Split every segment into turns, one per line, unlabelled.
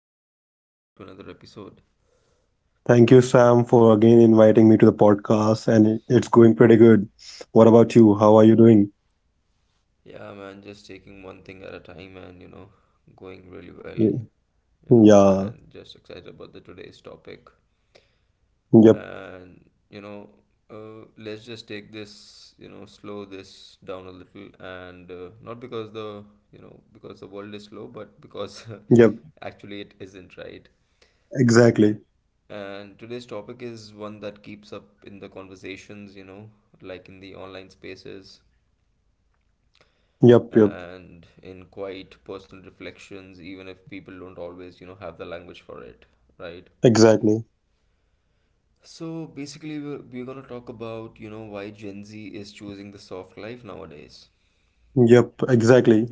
it going? Welcome back to another episode.
Thank you, Sam, for again inviting me to the podcast, and it's going pretty good. What about you? How are you doing?
Yeah, man, just taking one thing at a time and going really well,
Y- Yeah,
and just excited about the today's topic.
yep,
And you know, let's just take this, you know, slow this down a little, and not because because the world is slow, but because
yep,
actually it isn't, right?
exactly.
And today's topic is one that keeps up in the conversations, you know, like in the online spaces
Yep, yep,
and in quite personal reflections, even if people don't always, you know, have the language for it, right?
exactly.
So basically, we're gonna talk about, you know, why Gen Z is choosing the soft life nowadays.
Yep, exactly.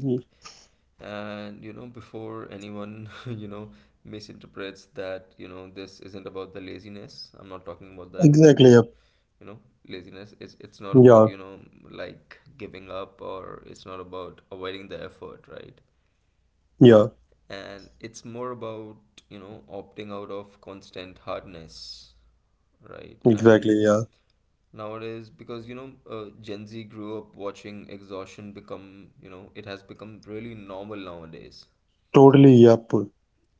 And, you know, before anyone, you know, misinterprets that, you know, this isn't about the laziness. I'm not talking about that,
Exactly, yep.
you know, laziness. It's not about,
Yeah,
you know, like giving up, or it's not about avoiding the effort, right?
yeah,
And it's more about, you know, opting out of constant hardness, right? And
exactly, yeah.
nowadays, because Gen Z grew up watching exhaustion become, you know, it has become really normal nowadays.
Totally, yep.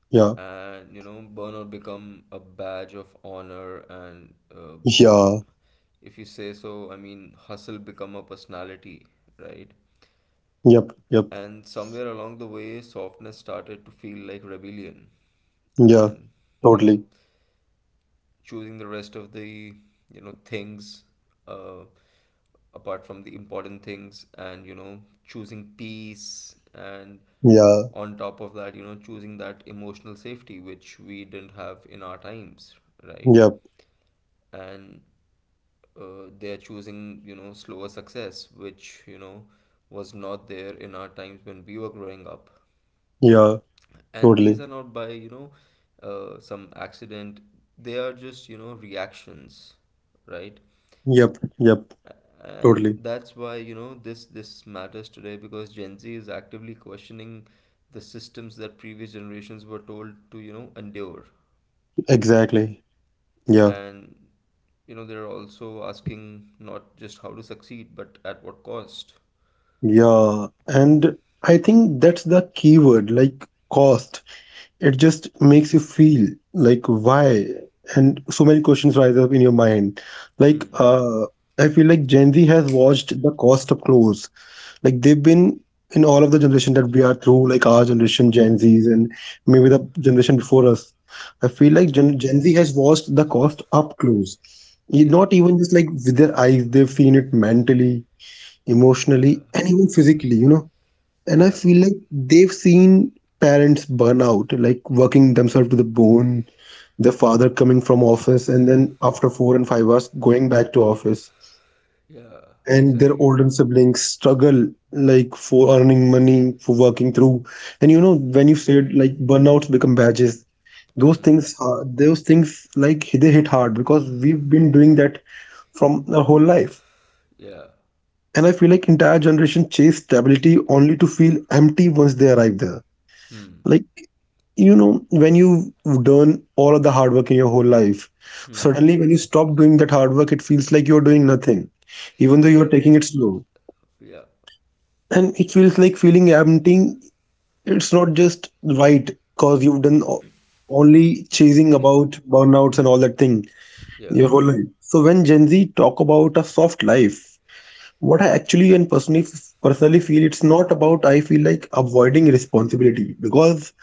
Yeah,
And you know, burnout become a badge of honor. And
yeah,
if you say so, I mean, hustle become a personality, right?
yep, yep,
And somewhere along the way, softness started to feel like rebellion.
yeah,
And, you know,
totally.
choosing the rest of the, you know, things, uh, apart from the important things, and, you know, choosing peace, and
Yeah,
on top of that, you know, choosing that emotional safety which we didn't have in our times, right?
yep,
And they're choosing, you know, slower success, which, you know, was not there in our times when we were growing up.
yeah,
And these are
totally.
not by, you know, some accident. They are just, you know, reactions, right?
Yep, yep,
And
totally.
that's why, you know, this matters today, because Gen Z is actively questioning the systems that previous generations were told to, you know, endure.
Exactly. Yeah.
And you know, they're also asking not just how to succeed, but at what cost.
Yeah, and I think that's the key word, like cost. It just makes you feel like why, and so many questions rise up in your mind. Like,
Hmm.
I feel like Gen Z has watched the cost up close. Like they've been in all of the generation that we are through, like our generation, Gen Zs, and maybe the generation before us. I feel like
Hmm.
Gen Z has watched the cost up close.
Yeah.
Not even just like with their eyes, they've seen it mentally,
Yeah.
emotionally, and even physically, you know. And I
Yeah.
feel like they've seen parents burn out, like working themselves to the bone. The father coming from office and then after 4 and 5 hours going back to office.
Yeah.
And their
Exactly.
older siblings struggle like for earning money, for working through. And you know, when you said like burnouts become badges,
Hmm.
those things like they hit hard because we've been doing that from our whole life.
Yeah.
And I feel like entire generation chase stability only to feel empty once they arrive there.
Hmm.
Like, you know, when you've done all of the hard work in your whole life,
Hmm.
suddenly when you stop doing that hard work, it feels like you're doing nothing, even though you're
Yeah,
taking it slow.
yeah,
And it feels like feeling empty, it's not just right because you've done only chasing about burnouts and all that thing
yeah.
your whole life. So when Gen Z talk about a soft life, what I actually and personally feel, it's not about, I feel like, avoiding responsibility. Because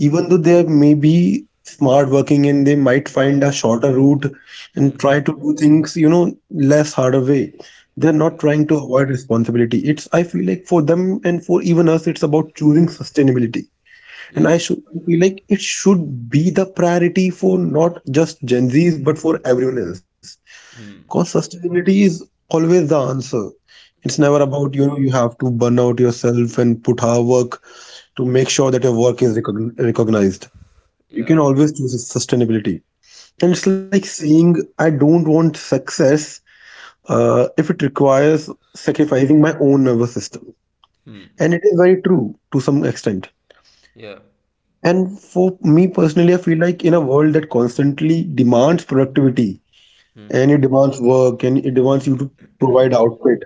even though they may be smart working and they might find a shorter route and
Mm-hmm.
try to do things you know less harder way, they're
Yeah,
not trying to avoid responsibility. It's, I feel like, for them and for even us, it's about choosing sustainability. And
yeah.
I should, I feel like it should be the priority for not just Gen Zs but for everyone else.
Hmm.
Because sustainability is always the answer. It's never
Yeah.
about you know you have to burn out yourself and put hard work to make sure that your work is recognized. You
Yeah.
can always choose sustainability. And
Yeah.
it's like saying I don't want success if it requires sacrificing my own nervous system.
Hmm.
And it is very true to some extent.
Yeah.
And for me personally, I feel like in a world that constantly demands productivity
Hmm.
and it demands work and it demands you to provide output,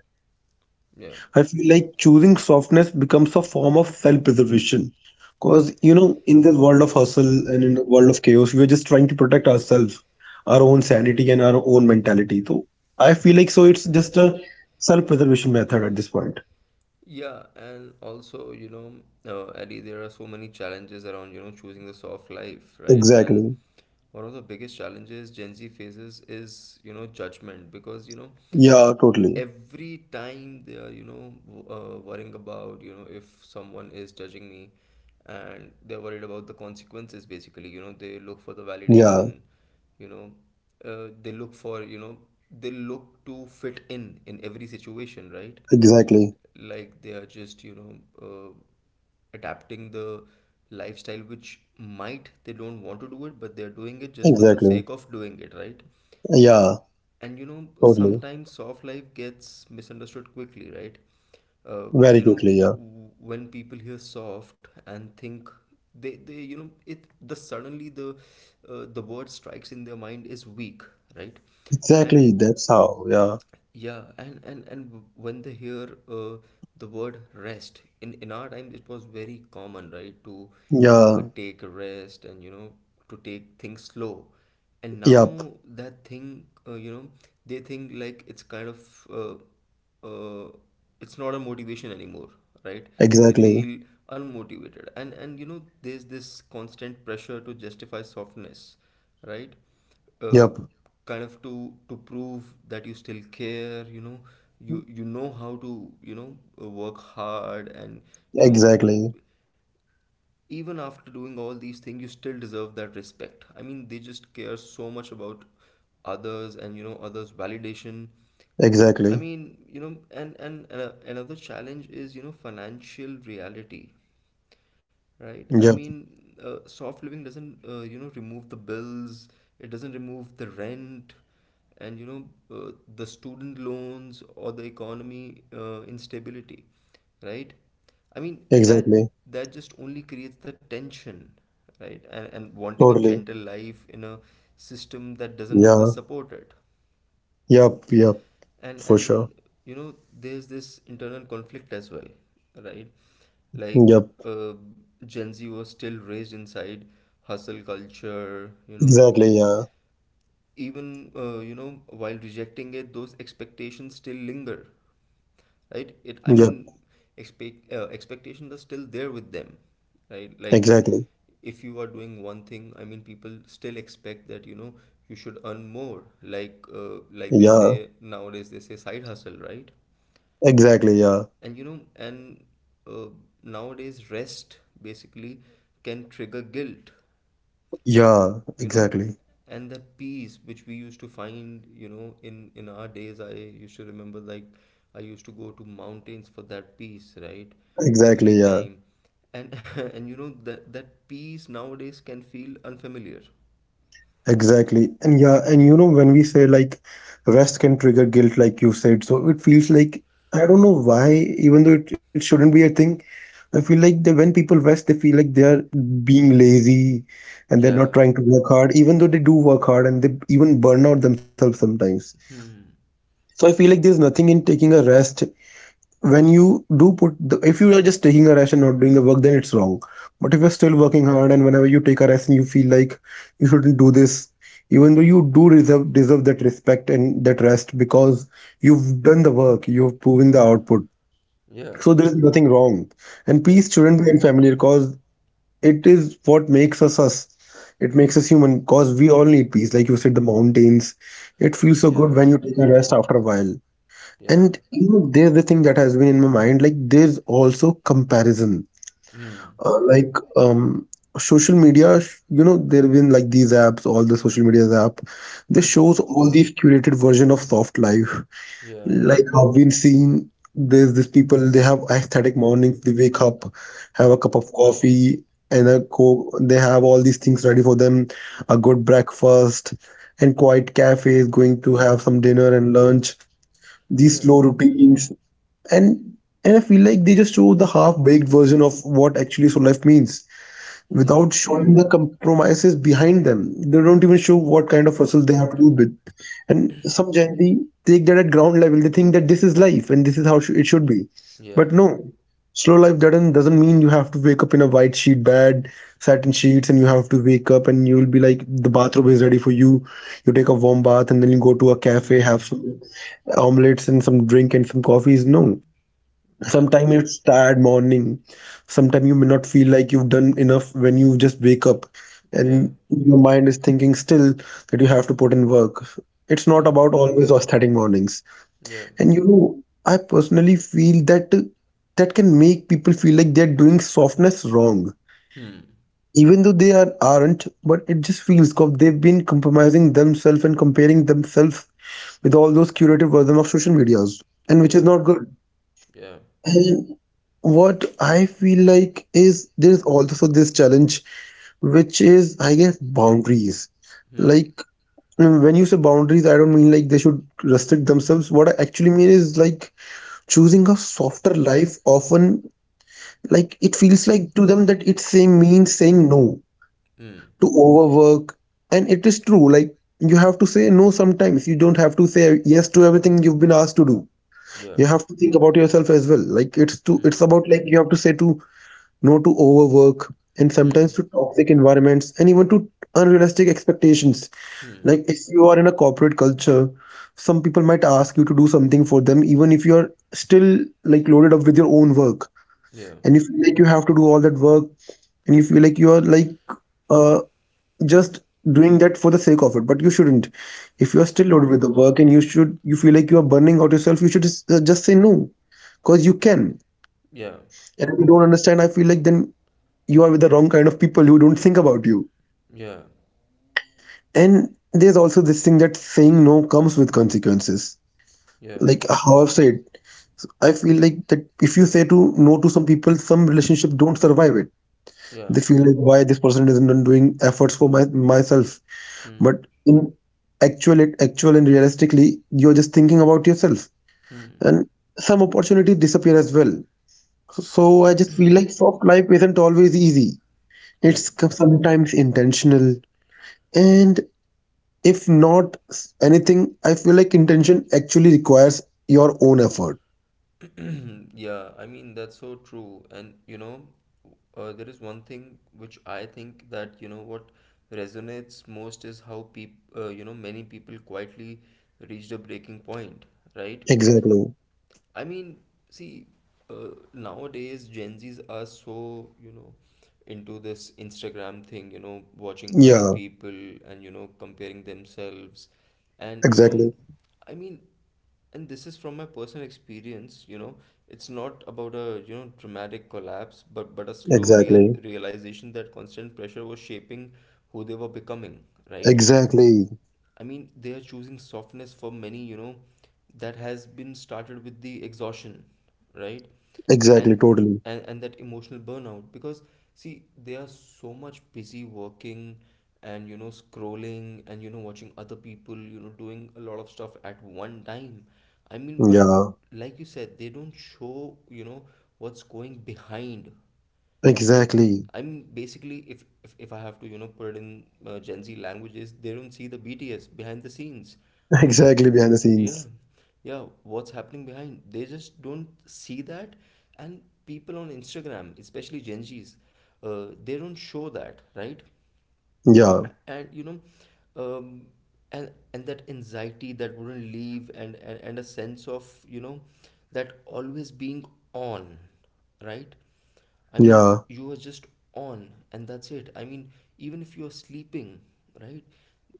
yeah,
I feel like choosing softness becomes a form of self preservation. Because, you know, in this world of hustle and in the world of chaos, we're just trying to protect ourselves, our own sanity, and our own mentality. So I feel like so it's just a self preservation method at this point.
yeah, and also, you know, Eddie, there are so many challenges around, you know, choosing the soft life, right? And
Exactly.
one of the biggest challenges Gen Z faces is, you know, judgment, because, you know,
Yeah, totally.
every time they are, you know, worrying about, you know, if someone is judging me, and they're worried about the consequences, basically, you know, they look for the
Yeah,
validation, you know, they look for, you know, they look to fit in every situation, right?
exactly.
Like they are just, you know, adapting the lifestyle which might they don't want to do it, but they're doing it just for the
Exactly.
sake of doing it, right?
Yeah,
And you know,
totally.
sometimes soft life gets misunderstood quickly, right?
Very
You know,
quickly, yeah.
when people hear soft and think, they you know, it, the suddenly the word strikes in their mind is weak, right? And
Exactly, that's how, yeah.
yeah, and when they hear uh, the word rest in our time, it was very common, right, to
Yeah,
take a rest, and you know, to take things slow. And
yep,
now that thing, you know, they think like it's kind of uh, it's not a motivation anymore, right? They
exactly,
feel unmotivated, and you know there's this constant pressure to justify softness, right? uh,
yep,
Kind of to prove that you still care, you know, you know how to, you know, work hard, and you know, you,
exactly,
even after doing all these things, you still deserve that respect. I mean, they just care so much about others, and you know, others' validation. I
exactly,
mean, you know, and another challenge is, you know, financial reality, right? I
yep,
mean, soft living doesn't, you know, remove the bills, it doesn't remove the rent, and you know, the student loans, or the economy instability, right? I mean, that
exactly,
that just only creates the tension, right? And wanting a
totally,
gentle life in a system that doesn't
yeah,
always support it.
yep, yep, for
and
sure,
and you know, there's this internal conflict as well, right?
yep,
Like Gen Z was still raised inside hustle culture. You know,
exactly,
if,
yeah,
even, you know, while rejecting it, those expectations still linger, right? It,
yep,
I mean, expectations are still there with them, right? Like
exactly,
if you are doing one thing, I mean, people still expect that, you know, you should earn more, like, like they
yeah,
say nowadays, they say side hustle, right?
exactly, yeah,
And you know, and uh, nowadays rest basically can trigger guilt,
yeah,
you know.
exactly,
And that peace which we used to find, you know, in our days, I used to remember, like, I used to go to mountains for that peace, right?
exactly,
Every
yeah,
time. And and you know, that peace nowadays can feel unfamiliar.
exactly, and yeah, and you know, when we say like rest can trigger guilt, like you said, so it feels like I don't know why, even though it shouldn't be a thing. I feel like they, when people rest, they feel like they're being lazy and they're not
Yeah,
trying to work hard, even though they do work hard and they even burn out themselves sometimes. So I feel like there's nothing in taking a rest. When you do put, the, if you are just taking a rest and not doing the work, then it's wrong. But if you're still working hard and whenever you take a rest and you feel like you shouldn't do this, even though you do deserve that respect and that rest because you've done the work, you've proven the output.
yeah,
So there is nothing wrong. And
yeah,
peace shouldn't be in family because it is what makes us us. It makes us human because we all need peace. Like you said, the mountains. It feels so good
yeah,
when you take a rest after a while.
yeah.
And you know, there's the thing that has been in my mind. Like there's also comparison.
Hmm,
Like social media. There have been like these apps, all the social media app. This
hmm,
shows all these curated version of soft life.
yeah,
Like how we've seen, there's these people, they have aesthetic mornings, they wake up, have a cup of coffee, and a they have all these things ready for them, a good breakfast, and quiet cafes, going to have some dinner and lunch, these
yeah,
slow routines. And and I feel like they just show the half-baked version of what actually slow life means
yeah,
without showing the compromises behind them. They don't even show what kind of hustle they have to do with. And some Gen Z take that at ground level. They think that this is life and this is how it should be. But
yeah,
no, slow life doesn't mean you have to wake up in a white sheet bed, satin sheets, and you have to wake up and you'll be like the bathrobe is ready for you. You take a warm bath and then you go to a cafe, have
hmm,
some omelets and some drink and some coffees. No,
yeah,
sometimes it's tired morning, sometimes you may not feel like you've done enough when you just wake up
yeah,
and your mind is thinking still that you have to put in work. It's not
hmm,
about always aesthetic mornings.
yeah,
And you know, I personally feel that that can make people feel like they're doing softness wrong,
hmm,
even though they are aren't, but it just feels cause they've been compromising themselves and comparing themselves with all those curated version of social medias, and which is
yeah,
not good.
yeah,
And what I feel like is there's also this challenge, which is, I guess, boundaries.
hmm,
Like, when you say boundaries, I don't mean like they should restrict themselves. What I actually mean is like choosing a softer life often, like, it feels like to them that it same means saying no
hmm.
to overwork. And it is true, like, you have to say no sometimes. You don't have to say yes to everything you've been asked to do.
Yeah.
You have to think about yourself as well. Like, it's to, it's
Hmm.
about like you have to say to no to overwork, and sometimes
Hmm.
to toxic environments and even to unrealistic expectations.
Hmm.
Like if you are in a corporate culture, some people might ask you to do something for them, even if you are still like loaded up with your own work,
Yeah.
and you feel like you have to do all that work, and you feel like you are like uh just doing that for the sake of it, but you shouldn't. If you are still loaded with the work and you should you feel like you are burning out yourself, you should just say no because you can.
Yeah.
And if you don't understand I feel like then you are with the wrong kind of people who don't think about you.
Yeah.
And there's also this thing that saying no comes with consequences.
Yeah.
Like how I've said, I feel like that if you say to no to some people, some relationship don't survive it. They
Yeah.
feel like why this person isn't doing efforts for my myself.
Hmm.
But in actual and realistically, you're just thinking about yourself,
Hmm.
and some opportunities disappear as well. So I just feel like soft life isn't always easy. It's
Hmm.
sometimes intentional, and if not anything, I feel like intention actually requires your own effort.
Yeah. I mean, that's so true. And you know, there is one thing which I think that, you know, what resonates most is how peop you know, many people quietly reached a breaking point, right?
Exactly.
I mean, see, nowadays Gen Zs are so, you know, into this Instagram thing, you know, watching other
Yeah,
people and, you know, comparing themselves. And, you know,
exactly.
I mean, and this is from my personal experience, you know, it's not about a, you know, dramatic collapse, but a slow
Exactly.
realization that constant pressure was shaping who they were becoming, right?
Exactly.
I mean, they are choosing softness for many, you know, that has been started with the exhaustion, right?
Exactly.
And
Totally.
and that emotional burnout, because, see, they are so much busy working, and you know, scrolling, and you know, watching other people, you know, doing a lot of stuff at one time. I mean, but
Yeah.
like you said, they don't show, you know, what's going behind, right?
Exactly.
I'm basically, if I have to, you know, put it in, Gen Z languages, they don't see the BTS, behind the scenes. I mean,
Exactly behind the scenes.
yeah, yeah, what's happening behind they just don't see that. And people on Instagram, especially Gen Z's, they don't show that, right?
Yeah.
And you know, um, and that anxiety that wouldn't leave, and a sense of, you know, that always being on, right? I mean,
Yeah.
you are just on, and that's it. I mean, even if you're sleeping, right?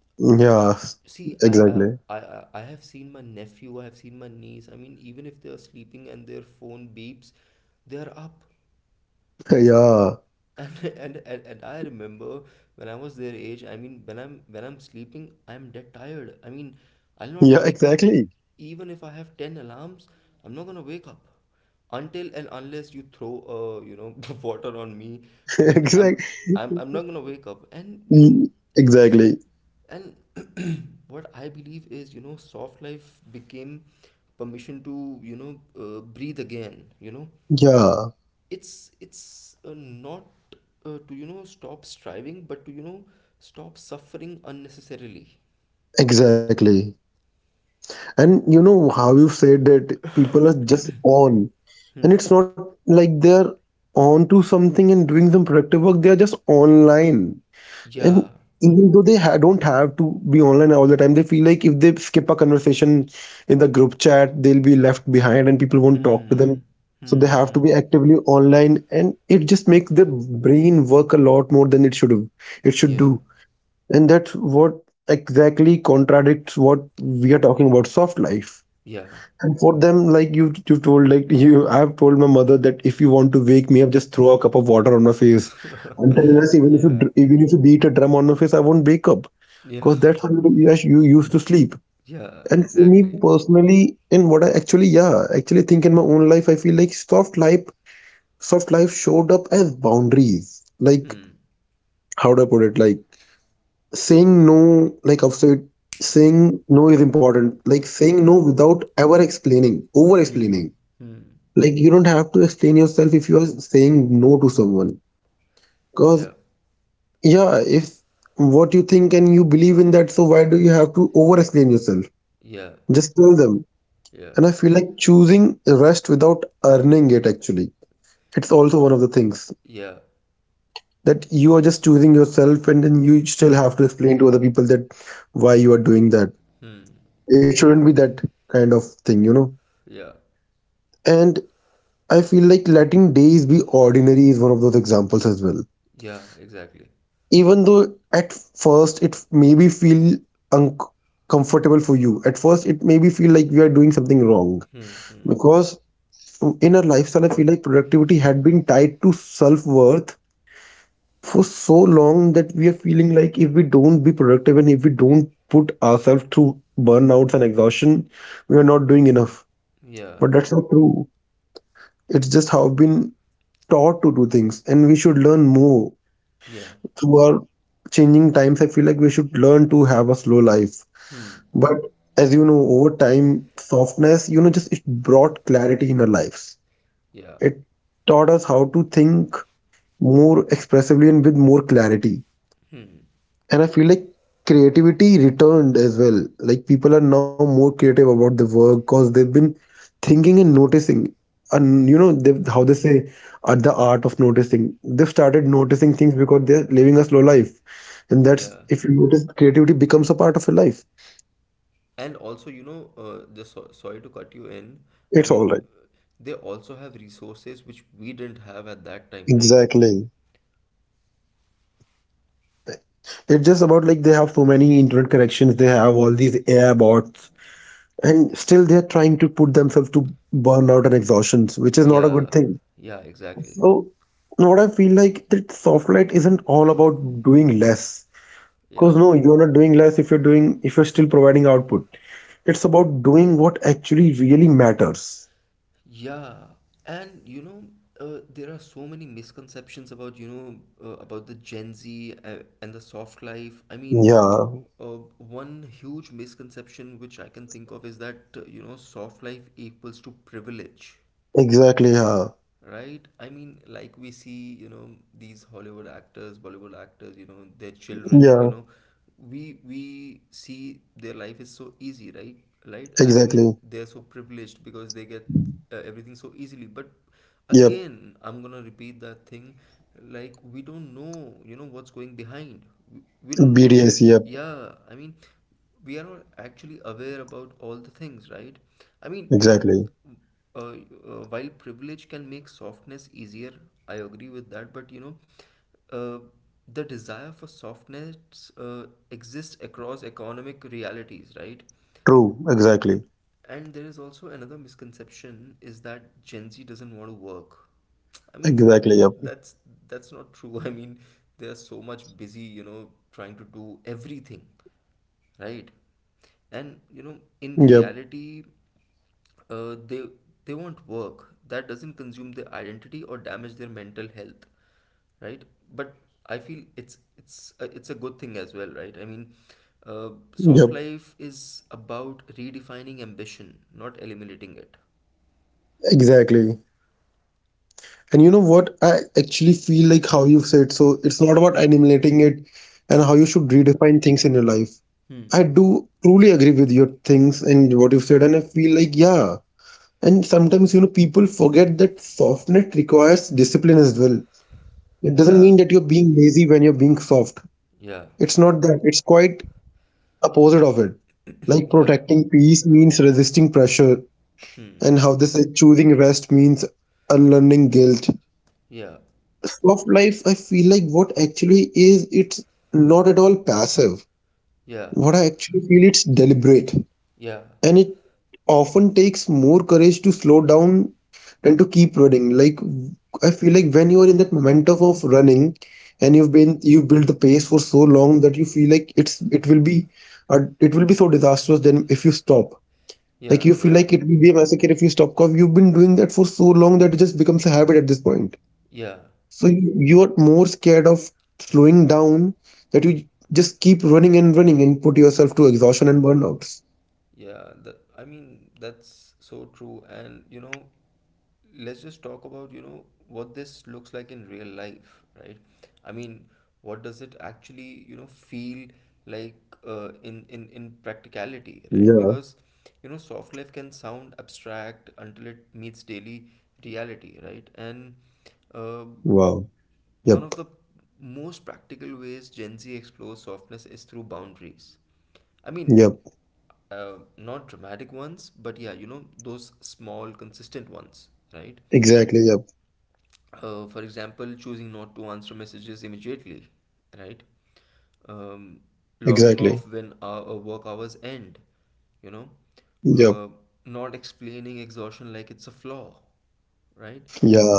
Yeah.
I, see I, I
Exactly.
I have seen my nephew, I have seen my niece, I mean, even if they are sleeping and their phone beeps, they are up.
Yeah.
And and I remember when I was their age. I mean, when I'm sleeping, I'm dead tired. I mean, I'll
Yeah,
not wake up,
exactly.
even if I have ten alarms. I'm not gonna wake up until and unless you throw, water on me. I mean,
Exactly.
I'm not gonna wake up. And you know,
Exactly.
and what I believe is, you know, soft life became permission to, you know, breathe again. You know,
Yeah.
it's not to, you know, stop striving, but to, you know, stop suffering unnecessarily.
Exactly. And you know how you said that people are just on. And it's not like they're onto something and doing some productive work. They are just online. And
Yeah.
even though they don't have to be online all the time, they feel like if they skip a conversation in the group chat, they'll be left behind and people won't talk to them.
Hmm.
So they
Hmm.
have to be
Hmm.
actively online. And it just makes their brain work a lot more than it should have. It should do.
Yeah.
And that's what exactly contradicts what we are talking about soft life.
Yeah.
And for them, like you told, like you, I've told my mother that if you want to wake me up, just throw a cup of water on my face. Until unless even if you dr-
Yeah.
Even if you beat a drum on my face, I won't wake up because
Yeah.
that's how you, yes, you used to sleep.
Yeah.
And for me
Exactly.
personally, in what I actually think in my own life, I feel like soft life showed up as boundaries. Like
Hmm.
how do I put it? Like saying no, like I've said, saying no is important. Like saying no without ever explaining, over explaining,
Hmm. Hmm.
like you don't have to explain yourself if you are saying no to someone because,
Yeah.
yeah, if what you think and you believe in that, so why do you have to over explain yourself?
Yeah.
Just tell them. And I
Yeah.
feel like choosing rest without earning it actually, it's also one of the things
Yeah.
that you are just choosing yourself, and then you still have to explain to other people that why you are doing that. It shouldn't be that kind of thing, you know.
Yeah.
And I feel like letting days be ordinary is one of those examples as well,
Yeah. Exactly.
even though at first it maybe feel uncomfortable for you, at first it maybe feel like we are doing something wrong,
Hmm. Hmm.
because in our lifestyle I feel like productivity had been tied to self-worth for so long that we are feeling like if we don't be productive and if we don't put ourselves through burnouts and exhaustion, we are not doing enough. But
Yeah.
that's not true. It's just how we've been taught to do things, and we should learn more
Yeah.
through our changing times. I feel like we should learn to have a slow life.
Hmm.
But as you know, over time, softness, just it brought clarity in our lives.
Yeah.
It taught us how to think more expressively and with more clarity. And I feel like creativity returned as well. Like people are now more creative about the work because they've been thinking and noticing. And you know, they how they say, the art of noticing. They've started noticing things because they're living a slow life. And that's,
Yeah.
if you notice, creativity becomes a part of your life.
And also, you know, just so, sorry to cut you in.
It's
I
all right.
mean, they also have resources which we didn't have at that time, right?
Exactly. It's just about, like, they have so many internet connections, they have all these AI bots, and still they're trying to put themselves to burnout and exhaustions, which is not a good
Yeah,
thing.
yeah, exactly.
So, what I feel like, that softlight isn't all about doing less. Because
Yeah.
no, you're not doing less if you're doing if you're still providing output. It's about doing what actually really matters.
Yeah, and you know, there are so many misconceptions about, you know, about the Gen Z, and the soft life. I mean,
Yeah,
one huge misconception which I can think of is that, you know, soft life equals to privilege.
exactly. Yeah,
Right? I mean, like we see, you know, these Hollywood actors, Bollywood actors, you know, their children,
yeah,
you know, we see their life is so easy, right? Right? I
exactly.
mean, they're so privileged because they get everything so easily. But
Yep,
again, I'm gonna repeat that thing. Like we don't know, you know, what's going behind. We don't.
BDS.
We
Yep,
yeah. I mean, we are not actually aware about all the things, right? I mean, you know,
exactly.
while privilege can make softness easier, I agree with that. But you know, uh, the desire for softness exists across economic realities, right?
True, exactly,
And there is also another misconception is that Gen Z doesn't want to work. I mean,
exactly. Yep,
that's that's not true. I mean, they are so much busy, you know, trying to do everything right.
yep.
And you know, in reality, uh, they they want work that doesn't consume their identity or damage their mental health, right? But I feel it's a good thing as well, right? I mean, uh,
Yep,
soft life is about redefining ambition, not eliminating it.
exactly. And you know what? I actually feel like how you've said, so it's not about eliminating it, and how you should redefine things in your life. I do truly agree with your things and what you've said, and I feel like, yeah. And sometimes, you know, people forget that softness requires discipline as well. It doesn't mean that you're
Yeah.
being lazy when you're being soft. It's
Yeah.
not that, it's quite opposite of it. Like, protecting
Yeah.
peace means resisting pressure, and how
Hmm.
this is, choosing rest means unlearning guilt.
Yeah.
Of life, I feel like what actually is, it's not at all passive. What I
Yeah.
actually feel, it's deliberate. And
Yeah.
it often takes more courage to slow down than to keep running. Like, I feel like when you are in that momentum of running and you've built the pace for so long that you feel like it will be so disastrous then if you stop. Like, you feel
Yeah.
like it will
Yeah.
be a massacre if you stop because you've been doing that for so long that it just becomes a habit at this point.
Yeah.
So you're more scared of slowing down that you just keep running and running and put yourself to exhaustion and burnouts.
Yeah, that, I mean, that's so true. And you know, let's just talk about, you know, what this looks like in real life, right? I mean, what does it actually, you know, feel like in practicality,
Yeah.
right? Because you know, soft life can sound abstract until it meets daily reality, right? And uh,
Wow. Yep.
one of the most practical ways Gen Z explores softness is through boundaries. I
Yep.
mean, not dramatic ones, but yeah, you know, those small, consistent ones, right?
Exactly. Yep.
For example, choosing not to answer messages immediately, right? Um,
Exactly.
Logging off when our work hours end, you know,
Yep.
uh, not explaining exhaustion like it's a flaw, right?
Yeah.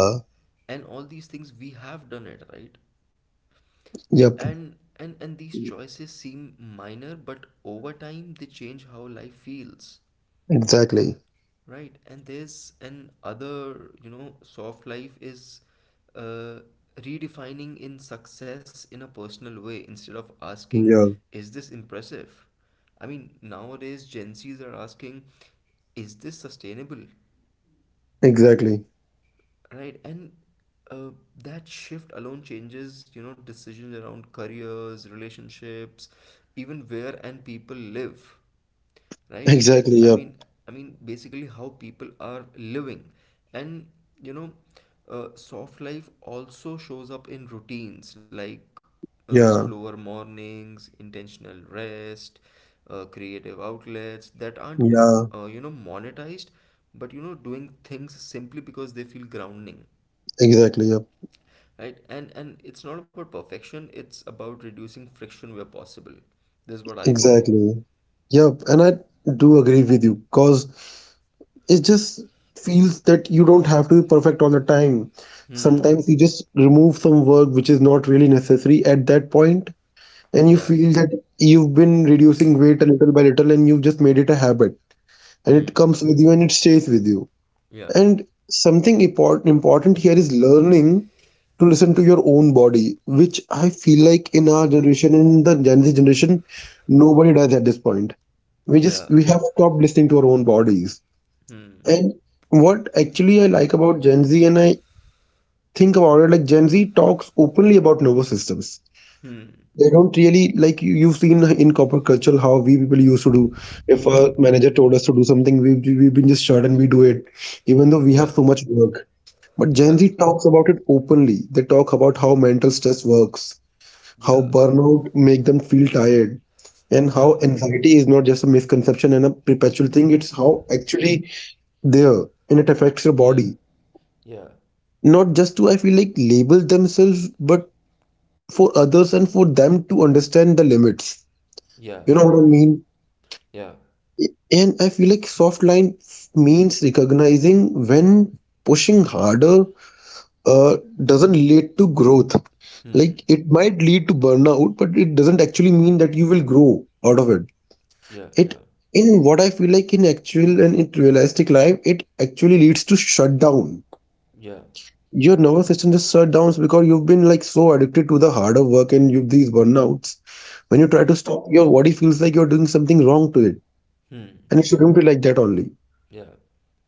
And all these things we have done it, right?
Yep.
And these choices seem minor, but over time they change how life feels.
Exactly.
Right, and there's an other, you know, soft life is uh, redefining in success in a personal way, instead of asking,
Yeah.
is this impressive? I mean, nowadays Gen Zs are asking, is this sustainable?
Exactly.
Right. And uh, that shift alone changes, you know, decisions around careers, relationships, even where and people live, right?
Exactly. Yep.
I mean i mean basically how people are living. And you know, soft life also shows up in routines, like
Yeah.
slower mornings, intentional rest, creative outlets that aren't,
Yeah.
you know, monetized, but you know, doing things simply because they feel grounding,
Exactly. Yep.
right? And it's not about perfection; it's about reducing friction where possible. This is what I feel.
Exactly. Yep. And I do agree with you because it just feels that you don't have to be perfect all the time.
Hmm.
Sometimes you just remove some work which is not really necessary at that point, and you
Yeah.
feel that you've been reducing weight a little by little and you've just made it a habit, and it comes with you and it stays with you.
Yeah.
And something important here is learning to listen to your own body, which I feel like in our generation, in the Gen Z generation, nobody does at this point. We just
Yeah.
we have stopped listening to our own bodies.
Hmm.
And what actually I like about Gen Z, and I think about it, like Gen Z talks openly about nervous systems. They don't really, like, you've seen in corporate culture how we people used to do. If a manager told us to do something, we've been just shut and we do it, even though we have
Yeah.
so much work. But Gen
Yeah.
Z talks about it openly. They talk about how mental stress works, how
Yeah.
burnout make them feel tired, and
Yeah.
how anxiety is not just a misconception and a perpetual thing. It's how actually there, and it affects your
Yeah.
body,
Yeah.
not just to, I feel like, label themselves, but for others and for them to understand the limits,
Yeah.
you know
Yeah.
what I mean.
Yeah.
And I feel like soft line means recognizing when pushing harder uh, doesn't lead to growth. Like,
Hmm.
it might lead to burnout, but it doesn't actually mean that you will grow out of it.
Yeah.
it
Yeah.
in what I feel like, in actual and in realistic life, it actually leads to shutdown.
Yeah.
Your nervous system just shut down because you've been, like, so addicted to the harder work and you've these burnouts. When you try
Yeah.
to stop, your body feels like you're doing something wrong to it.
Hmm.
And it shouldn't be like that only.
Yeah.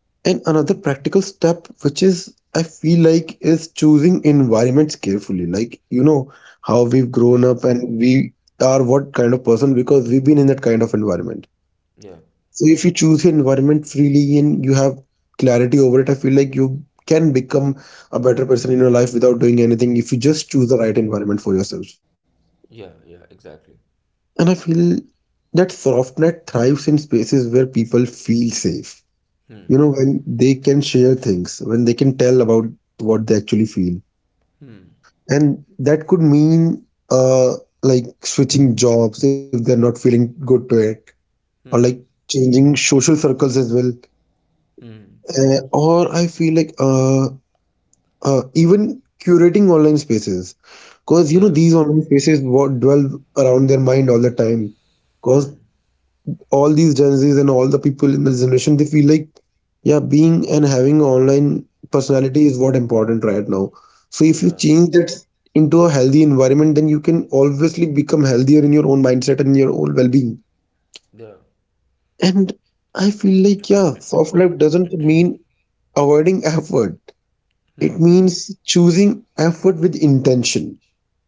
And another practical step, which is, I feel like, is choosing environments carefully. Like, you know, how we've
Hmm.
grown up and we are what kind of person because we've been in that kind of environment.
Yeah.
So if you choose your environment freely and you have clarity over it, I feel like you can become a better person in your life without doing anything if you just choose the right environment for yourself.
Yeah. Yeah. Exactly.
And I feel that SoftNet thrives in spaces where people feel safe. You know,
Hmm.
when they can share things, when they can tell about what they actually feel. And that could mean like switching jobs if they're not feeling good to it, or like
Hmm.
changing social circles as well.
Hmm.
Or I feel like even curating online spaces, because you know
Yeah.
these online spaces what dwell around their mind all the time. Because
Hmm.
all these Gen Zs and all the people in this generation, they feel like, yeah, being and having online personality is what important right now. So if you
Yeah.
change that into a healthy environment, then you can obviously become healthier in your own mindset and your own well-being.
Yeah.
And I feel like, yeah, soft life doesn't mean avoiding effort. It
Hmm.
means choosing effort with intention.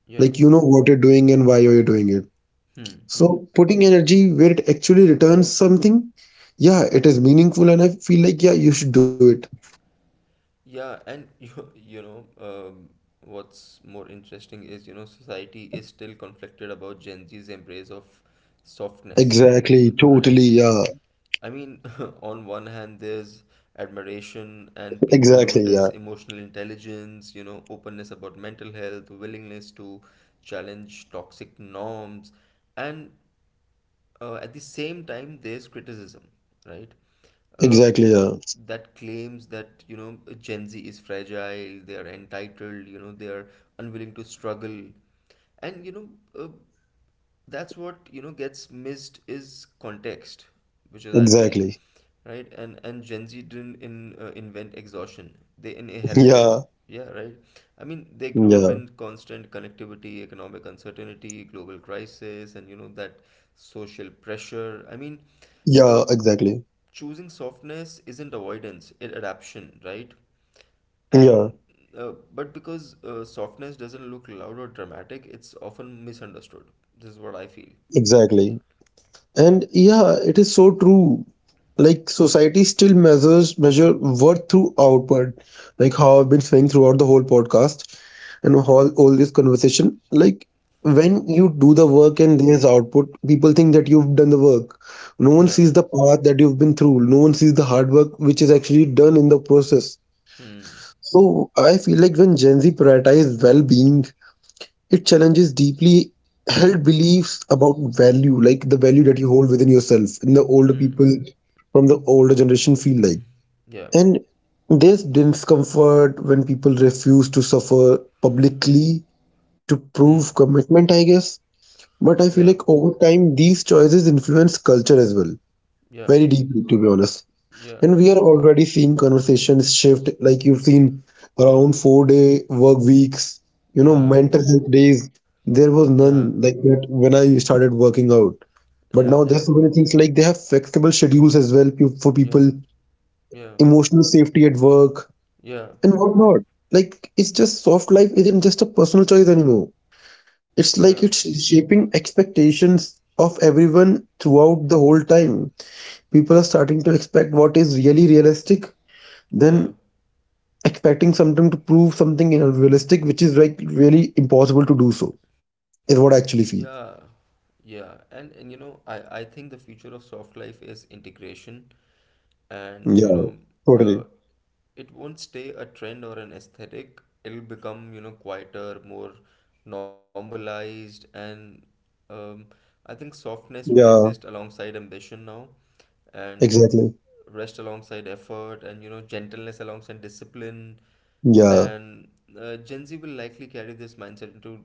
Like,
Yeah.
you know what you're doing and why you're doing it.
Hmm.
So
Hmm.
putting energy where it actually returns something, yeah, it is meaningful, and I feel like, yeah, you should do it.
Yeah. And you know, what's more interesting is, you know, society is still conflicted about Gen Z's embrace of softness,
Exactly, totally. Yeah,
right? I mean, on one hand, there's admiration, and
exactly.
people
Yeah,
notice emotional intelligence, you know, openness about mental health, willingness to challenge toxic norms, and at the same time, there's criticism, right?
exactly. Yeah,
Um, that claims that, you know, Gen Z is fragile, they are entitled, you know, they are unwilling to struggle. And, you know, uh, that's what, you know, gets missed is context, which is, I
exactly.
feel, right. And Gen Z didn't invent exhaustion, they
Yeah,
inherited. Yeah, right. I mean, they
yeah,
grew up in constant connectivity, economic uncertainty, global crisis, and you know, that social pressure. I mean,
yeah,
um
exactly.
choosing softness isn't avoidance, it adaptation, right?
Yeah,
And but because softness doesn't look loud or dramatic, it's often misunderstood. This is what I feel.
exactly. And yeah, it is so true. Like, society still measures measure worth through outward, like how I've been saying throughout the whole podcast and all this conversation. Like, when you do the work and there's output, people think that you've done the work. No one sees
Yeah.
the path that you've been through. No one sees the hard work which is actually done in the process.
Hmm.
So I feel like when Gen Z prioritize well-being, it challenges deeply held beliefs about value, like the value that you hold within yourself, and the older people
Hmm.
from the older generation feel like.
Yeah.
And there's discomfort when people refuse to suffer publicly to
Hmm.
prove commitment, I guess. But I feel
Yeah.
like over time, these choices influence culture as well, very
Yeah.
deeply, to be honest. And we
Yeah.
are already seeing conversations shift. Like, you've seen around 4-day work weeks, you know, mental
Yeah.
health days. There was
Yeah.
none like that when I started working out. But
Yeah. Yeah.
now there's
Yeah.
so many things, like they have flexible schedules as well, for people,
Yeah. Yeah.
emotional safety at work, and
Yeah.
whatnot. Like, it's just soft life isn't just a personal choice anymore. It's
Yeah.
like it's shaping expectations of everyone throughout the whole time. People are starting to expect what is really realistic, then expecting something to prove something unrealistic, which is like really impossible to do so, is what I actually feel.
Yeah. Yeah. And you know, I think the future of soft life is integration. And you
Yeah,
know,
totally.
uh, it won't stay a trend or an aesthetic, it'll become, you know, quieter, more normalized. And um, I think softness will
Yeah,
exist alongside ambition now, and
exactly.
rest alongside effort, and you know, gentleness alongside discipline.
Yeah,
And Gen Z will likely carry this mindset into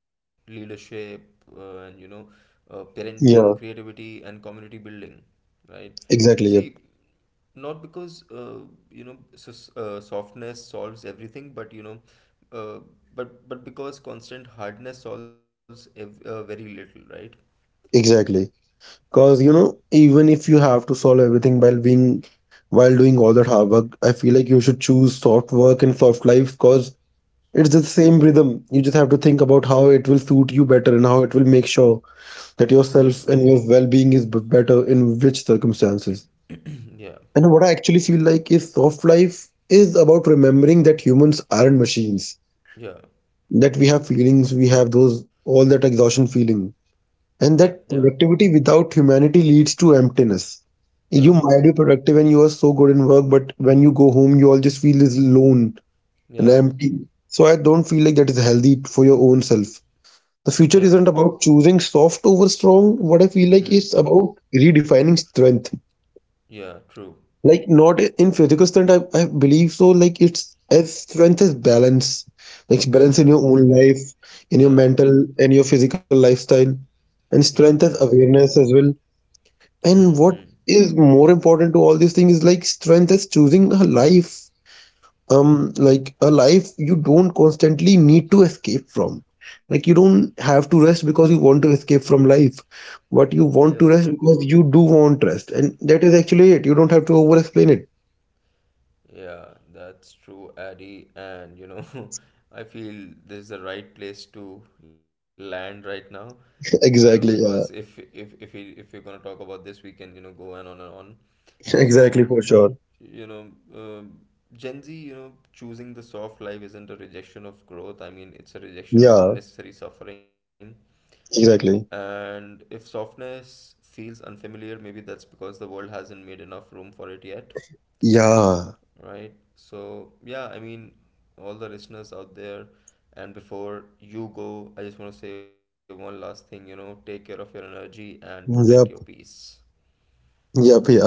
leadership, and you know, parenting,
yeah,
creativity, and community building, right?
exactly. Yep,
See, not because you know s softness solves everything, but you know, uh, but because constant hardness solves very little, right?
exactly. Because you know, even if you have to solve everything while being while doing all that hard work, I feel like you should choose soft work and soft life because it's the same rhythm. You just have to think about how it will suit you better and how it will make sure that
Hmm.
yourself and your well being is better in which circumstances.
Yeah.
And what I actually feel like is, soft life is about remembering that humans aren't machines,
Yeah.
that we have feelings, we have those all that exhaustion feeling,
Yeah.
and that
Yeah.
productivity without humanity leads to emptiness. You
Yeah.
might be productive and you are so good in work, but when you go home, you all just feel is lone and
Yeah.
empty. So I don't feel like that is healthy for your own self. The
Yeah.
future isn't about choosing soft over strong. What I feel like
Hmm.
is about redefining strength,
Yeah, true.
like not in physical strength, I believe so. Like, it's as strength is balance, like balance in your
Yeah.
own life, in your
Yeah.
mental and your physical lifestyle, and
Yeah.
strength
Yeah.
is awareness as well.
Hmm.
And what
Hmm.
is more important to all these things is like, strength is choosing a life, like a life you don't constantly need to escape from. Like, you don't have to rest because you want to escape from life, but you want to
Yeah.
rest because you do want rest, and that is actually it. You don't have to over explain it.
Yeah, that's true, Addy. And you know, I feel this is the right place to land right now.
Exactly,
Because
yeah.
if we're gonna talk about this, we can, you know, go on and on.
Exactly,
So,
for sure.
you know, um Gen Z, you know, choosing the soft life isn't a rejection of growth. I mean, it's a
Yeah,
rejection of unnecessary suffering.
exactly.
And if softness feels unfamiliar, maybe that's because the world hasn't made enough room for it yet.
Yeah.
Right. So, yeah, I mean, all the listeners out there, and before you go, I just want to say one last thing, you know, take care of your energy and protect your
Yep.
peace.
Yep, yeah.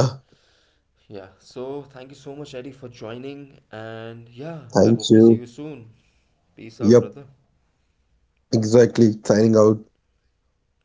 Yeah. So, thank you so much, Eddie, for joining. And yeah,
Thank
I hope
you.
to see you soon. Peace
Yep.
out, brother.
Exactly. Signing out.
Yeah.